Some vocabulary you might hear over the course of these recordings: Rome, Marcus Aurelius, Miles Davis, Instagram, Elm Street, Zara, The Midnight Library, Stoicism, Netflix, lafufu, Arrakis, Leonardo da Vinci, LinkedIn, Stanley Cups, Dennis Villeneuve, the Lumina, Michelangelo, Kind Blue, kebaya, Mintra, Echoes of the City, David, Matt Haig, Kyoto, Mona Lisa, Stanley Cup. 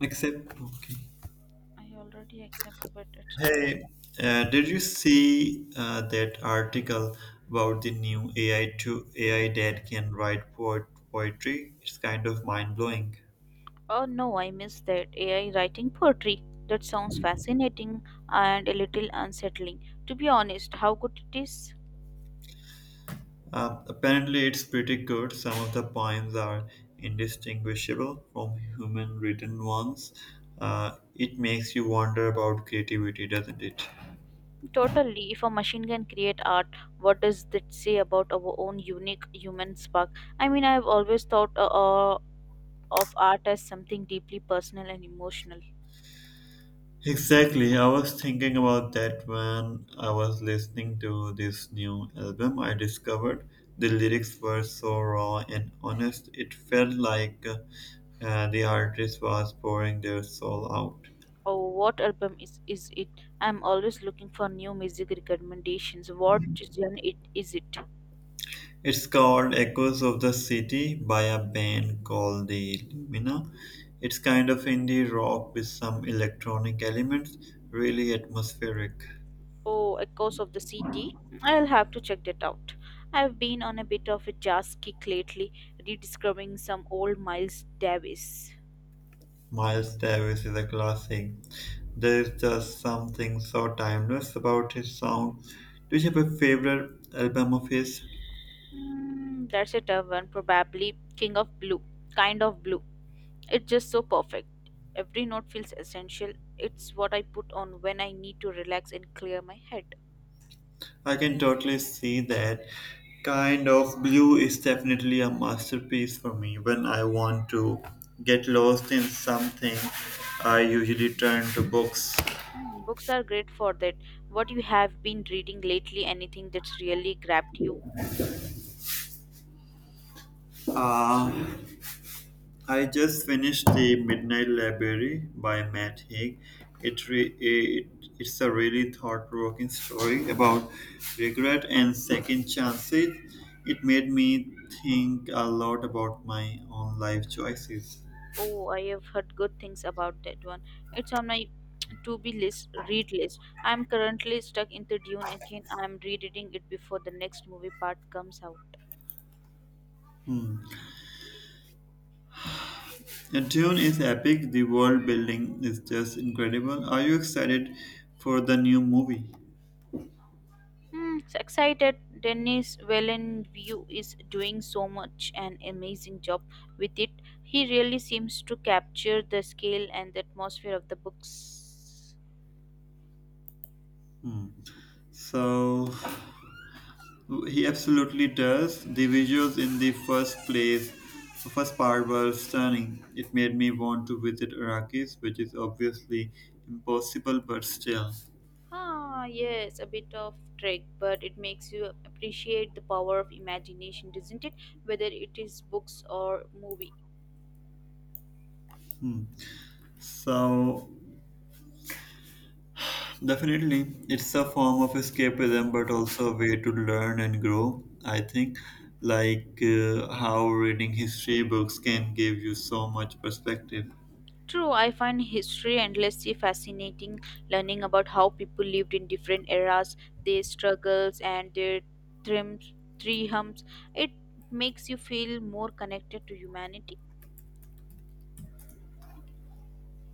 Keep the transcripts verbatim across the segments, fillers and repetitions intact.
Except, okay. I already accept, but it's yeah. Hey, uh, did you see uh, that article about the new A I to A I that can write poet poetry? It's kind of mind blowing. Oh no, I missed that. A I writing poetry. That sounds fascinating and a little unsettling. To be honest, how good it is? Uh, apparently, it's pretty good. Some of the poems are indistinguishable from human written ones. Uh, it makes you wonder about creativity, doesn't it? Totally. If a machine can create art, what does that say about our own unique human spark? I mean, I've always thought uh, uh, of art as something deeply personal and emotional. Exactly. I was thinking about that when I was listening to this new album I discovered. The lyrics were so raw and honest. It felt like uh, the artist was pouring their soul out. Oh, what album is is it? I'm always looking for new music recommendations. What genre it is it? It's called Echoes of the City by a band called the Lumina. It's kind of indie rock with some electronic elements, really atmospheric. Oh, Echoes of the City. I'll have to check that out. I've been on a bit of a jazz kick lately, rediscovering some old Miles Davis. Miles Davis is a classic. There's just something so timeless about his sound. Do you have a favorite album of his? Mm, that's a tough one, probably King of Blue. Kind of blue. It's just so perfect. Every note feels essential. It's what I put on when I need to relax and clear my head. I can totally see that. Kind of Blue is definitely a masterpiece. For me, when I want to get lost in something, I usually turn to books. Hmm, books are great for that. What you have been reading lately, anything that's really grabbed you? Uh, I just finished The Midnight Library by Matt Haig. It re- it, it's a really thought provoking story about regret and second chances. It made me think a lot about my own life choices. Oh, I have heard good things about that one. It's on my to be list, read list. I'm currently stuck in the Dune again. I'm rereading it before the next movie part comes out. The tune is epic, the world building is just incredible. Are you excited for the new movie? Hmm, so excited. Dennis Villeneuve is doing so much an amazing job with it. He really seems to capture the scale and the atmosphere of the books. Hmm. So, he absolutely does. The visuals in the first place, first part were stunning. It made me want to visit Arrakis, which is obviously impossible, but still. Ah, yes, a bit of trick, but it makes you appreciate the power of imagination, doesn't it? Whether it is books or movie. Hmm. So definitely, it's a form of escapism, but also a way to learn and grow. I think, like uh, how reading history books can give you so much perspective. True, I find history endlessly fascinating, learning about how people lived in different eras, their struggles and their triumphs. triumphs. It makes you feel more connected to humanity.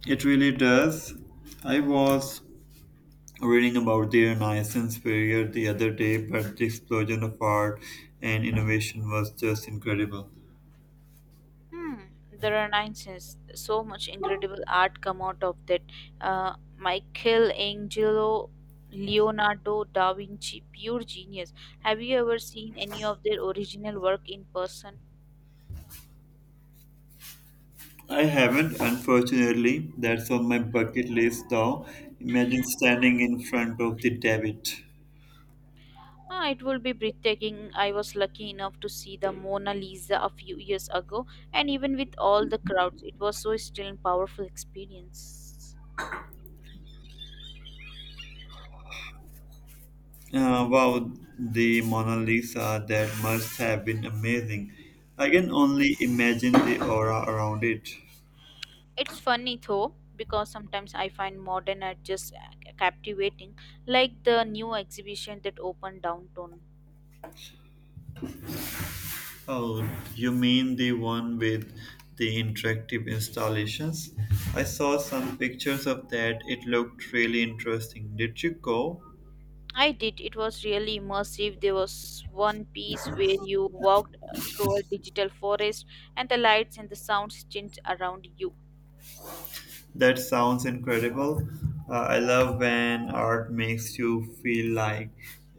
It really does. I was reading about the Renaissance period the other day, but the explosion of art and innovation was just incredible. Hmm. There are nine Renaissance. So much incredible art come out of that. Uh, Michelangelo, Leonardo da Vinci, pure genius. Have you ever seen any of their original work in person? I haven't, unfortunately. That's on my bucket list, though. Imagine standing in front of the David. Ah, it will be breathtaking. I was lucky enough to see the Mona Lisa a few years ago, and even with all the crowds, it was so still and powerful experience. Uh, wow, the Mona Lisa, that must have been amazing. I can only imagine the aura around it. It's funny though, because sometimes I find modern art just captivating, like the new exhibition that opened downtown. Oh, you mean the one with the interactive installations? I saw some pictures of that. It looked really interesting. Did you go? I did, it was really immersive. There was one piece where you walked uh, through a digital forest and the lights and the sounds changed around you. That sounds incredible. Uh, I love when art makes you feel like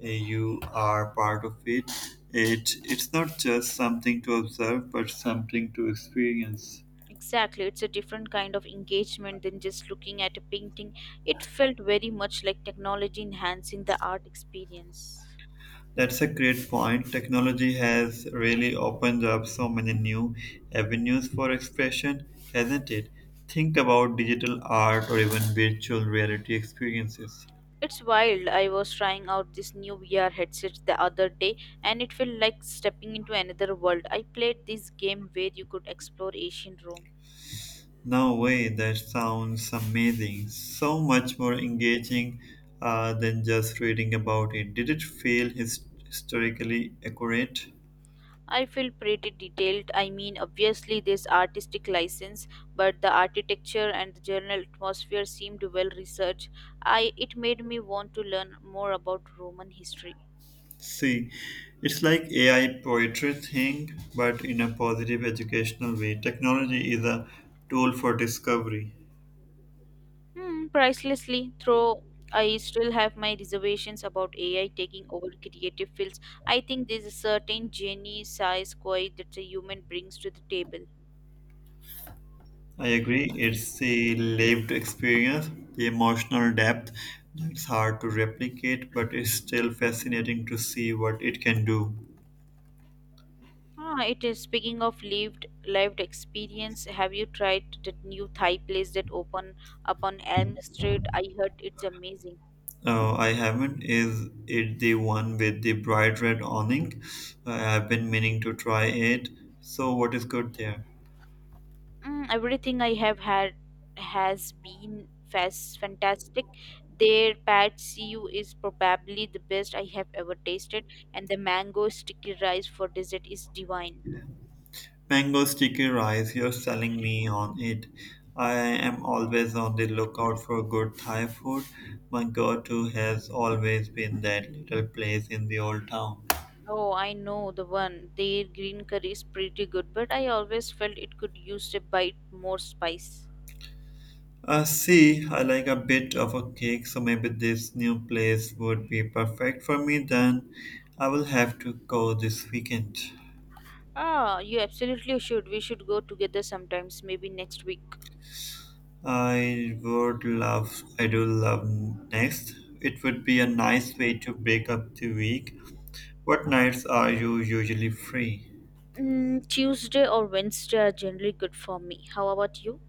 uh, you are part of it. It it's not just something to observe, but something to experience. Exactly, it's a different kind of engagement than just looking at a painting. It felt very much like technology enhancing the art experience. That's a great point. Technology has really opened up so many new avenues for expression, hasn't it? Think about digital art or even virtual reality experiences. It's wild. I was trying out this new V R headset the other day and it felt like stepping into another world. I played this game where you could explore ancient Rome. No way, that sounds amazing. So much more engaging uh, than just reading about it. Did it feel his- historically accurate? I feel pretty detailed. I mean, obviously there's artistic license, but the architecture and the general atmosphere seemed well researched. I it made me want to learn more about Roman history. See, it's like A I poetry thing, but in a positive educational way. Technology is a tool for discovery. Hmm, pricelessly, though I still have my reservations about A I taking over creative fields. I think there's a certain genie size quite that a human brings to the table. I agree, it's the lived experience, the emotional depth that's hard to replicate, but it's still fascinating to see what it can do. Ah, it is speaking of lived lived experience. Have you tried that new Thai place that opened up on Elm Street? I heard it's amazing. Uh, I haven't. Is it the one with the bright red awning? Uh, I've been meaning to try it. So, what is good there? Mm, everything I have had has been fas- fantastic. Their pad see ew is probably the best I have ever tasted, and the mango sticky rice for dessert is divine. Mango sticky rice, you're selling me on it. I am always on the lookout for good Thai food. My go to has always been that little place in the old town. Oh, I know the one. Their green curry is pretty good, but I always felt it could use a bite more spice. Uh, see, I like a bit of a cake, so maybe this new place would be perfect for me then. I will have to go this weekend. Ah, you absolutely should. We should go together sometimes, maybe next week. I would love, I do love next. It would be a nice way to break up the week. What nights are you usually free? Mm, Tuesday or Wednesday are generally good for me. How about you?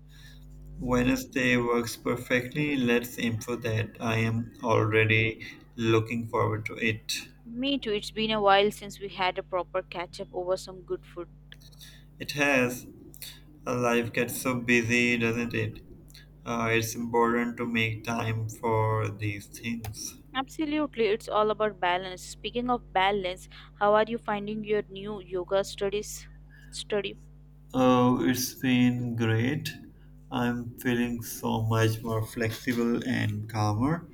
Wednesday works perfectly. Let's improve that. I am already looking forward to it. Me too. It's been a while since we had a proper catch up over some good food. It has. uh, Life gets so busy, doesn't it? Uh, it's important to make time for these things. Absolutely, it's all about balance. Speaking of balance, how are you finding your new yoga studies study? Oh, it's been great. I'm feeling so much more flexible and calmer.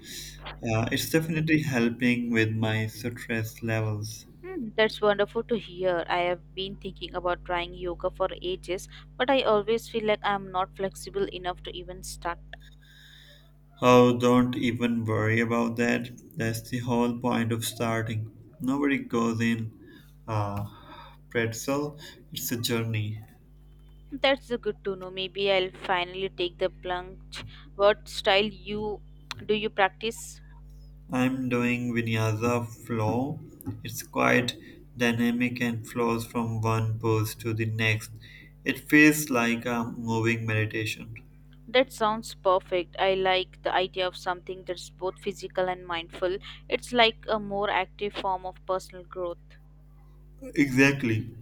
Uh, it's definitely helping with my stress levels. Hmm, that's wonderful to hear. I have been thinking about trying yoga for ages, but I always feel like I'm not flexible enough to even start. Oh, don't even worry about that. That's the whole point of starting. Nobody goes in uh, pretzel, it's a journey. That's a good to know. Maybe I'll finally take the plunge. What style you do you practice? I'm doing vinyasa flow. It's quite dynamic and flows from one pose to the next. It feels like a moving meditation. That sounds perfect. I like the idea of something that's both physical and mindful. It's like a more active form of personal growth. Exactly.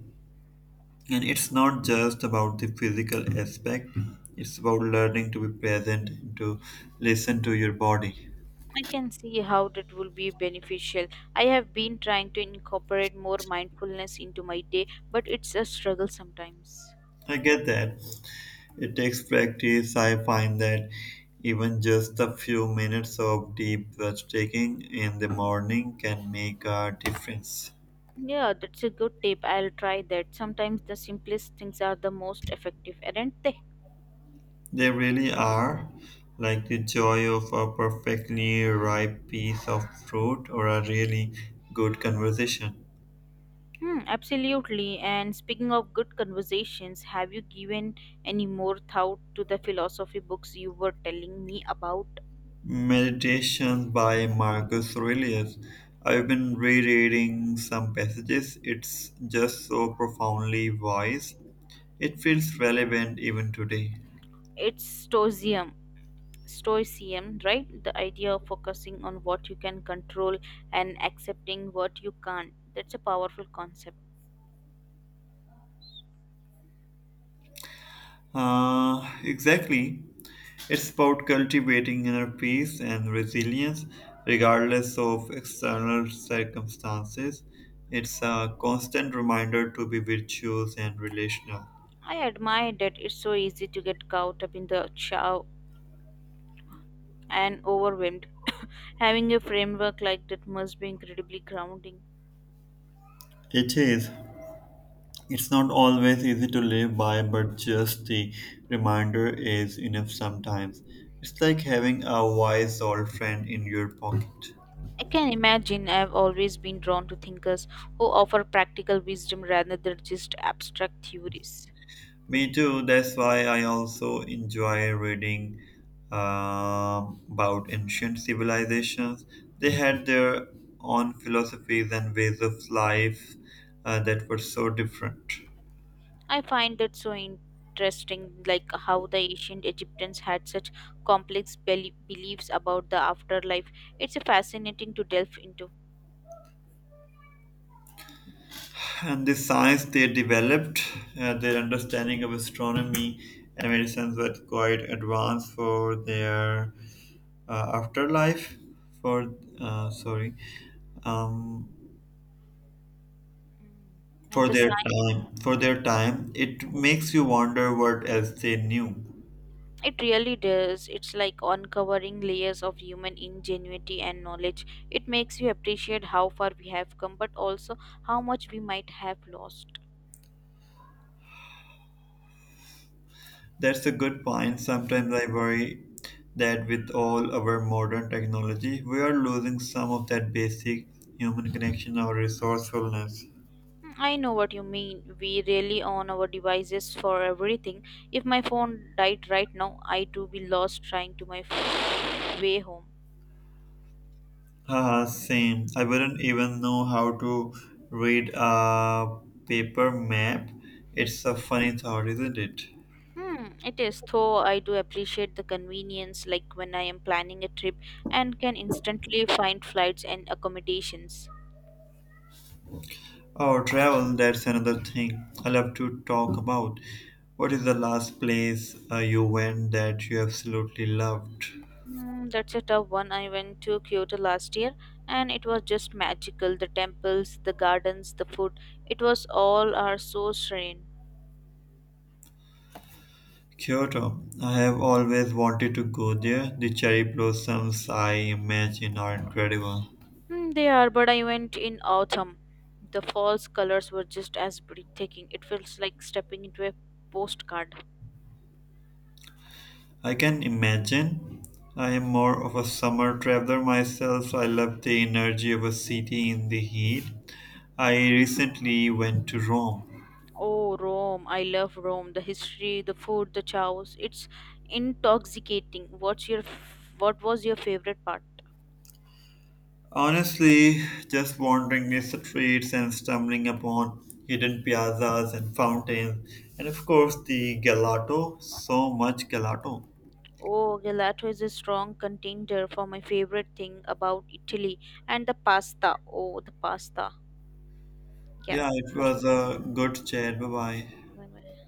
And it's not just about the physical aspect, it's about learning to be present and to listen to your body. I can see how that will be beneficial. I have been trying to incorporate more mindfulness into my day, but it's a struggle sometimes. I get that. It takes practice. I find that even just a few minutes of deep breath taking in the morning can make a difference. Yeah, that's a good tip. I'll try that. Sometimes the simplest things are the most effective, aren't they? They really are, like the joy of a perfectly ripe piece of fruit or a really good conversation. Hmm, absolutely. And speaking of good conversations, have you given any more thought to the philosophy books you were telling me about? Meditations by Marcus Aurelius. I've been rereading some passages. It's just so profoundly wise. It feels relevant even today. It's Stoicism, Stoicism, right? The idea of focusing on what you can control and accepting what you can't. That's a powerful concept. Uh, exactly. It's about cultivating inner peace and resilience regardless of external circumstances. It's a constant reminder to be virtuous and relational. I admire that it's so easy to get caught up in the chow and overwhelmed. Having a framework like that must be incredibly grounding. It is. It's not always easy to live by, but just the reminder is enough sometimes. It's like having a wise old friend in your pocket. I can imagine I've always been drawn to thinkers who offer practical wisdom rather than just abstract theories. Me too. That's why I also enjoy reading um, about ancient civilizations. They had their own philosophies and ways of life uh, that were so different. I find that so interesting, like how the ancient Egyptians had such complex bel- beliefs about the afterlife. It's fascinating to delve into. And the science they developed, uh, their understanding of astronomy and medicines were quite advanced for their uh, afterlife. For uh, sorry, um, Mm. And for the their science, time for their time, it makes you wonder what else they knew. it really does. It's like uncovering layers of human ingenuity and knowledge. It makes you appreciate how far we have come, but also how much we might have lost. That's a good point. Sometimes I worry that with all our modern technology we are losing some of that basic human connection or resourcefulness. I know what you mean. We really on our devices for everything. If my phone died right now, I too be lost trying to my f- way home. Haha, same. I wouldn't even know how to read a paper map. It's a funny thought, isn't it? Hmm, it is. Though I do appreciate the convenience, like when I am planning a trip and can instantly find flights and accommodations. Oh, travel, that's another thing I love to talk about. What is the last place uh, you went that you absolutely loved? Hmm, that's a tough one. I went to Kyoto last year, and it was just magical. The temples, the gardens, the food. It was all are so serene. Kyoto. I have always wanted to go there. The cherry blossoms I imagine are incredible. Mm, they are, but I went in autumn. The false colors were just as breathtaking. It feels like stepping into a postcard. I can imagine. I am more of a summer traveler myself. I love the energy of a city in the heat. I recently went to Rome. Oh, Rome. I love Rome. The history, the food, the chows. It's intoxicating. What's your f- what was your favorite part? Honestly, just wandering the streets and stumbling upon hidden piazzas and fountains, and of course the gelato. So much gelato. Oh, gelato is a strong contender for my favorite thing about Italy and the pasta. Oh, the pasta. Yeah. Yeah, it was Thank you. a good chat. Bye bye. Bye-bye.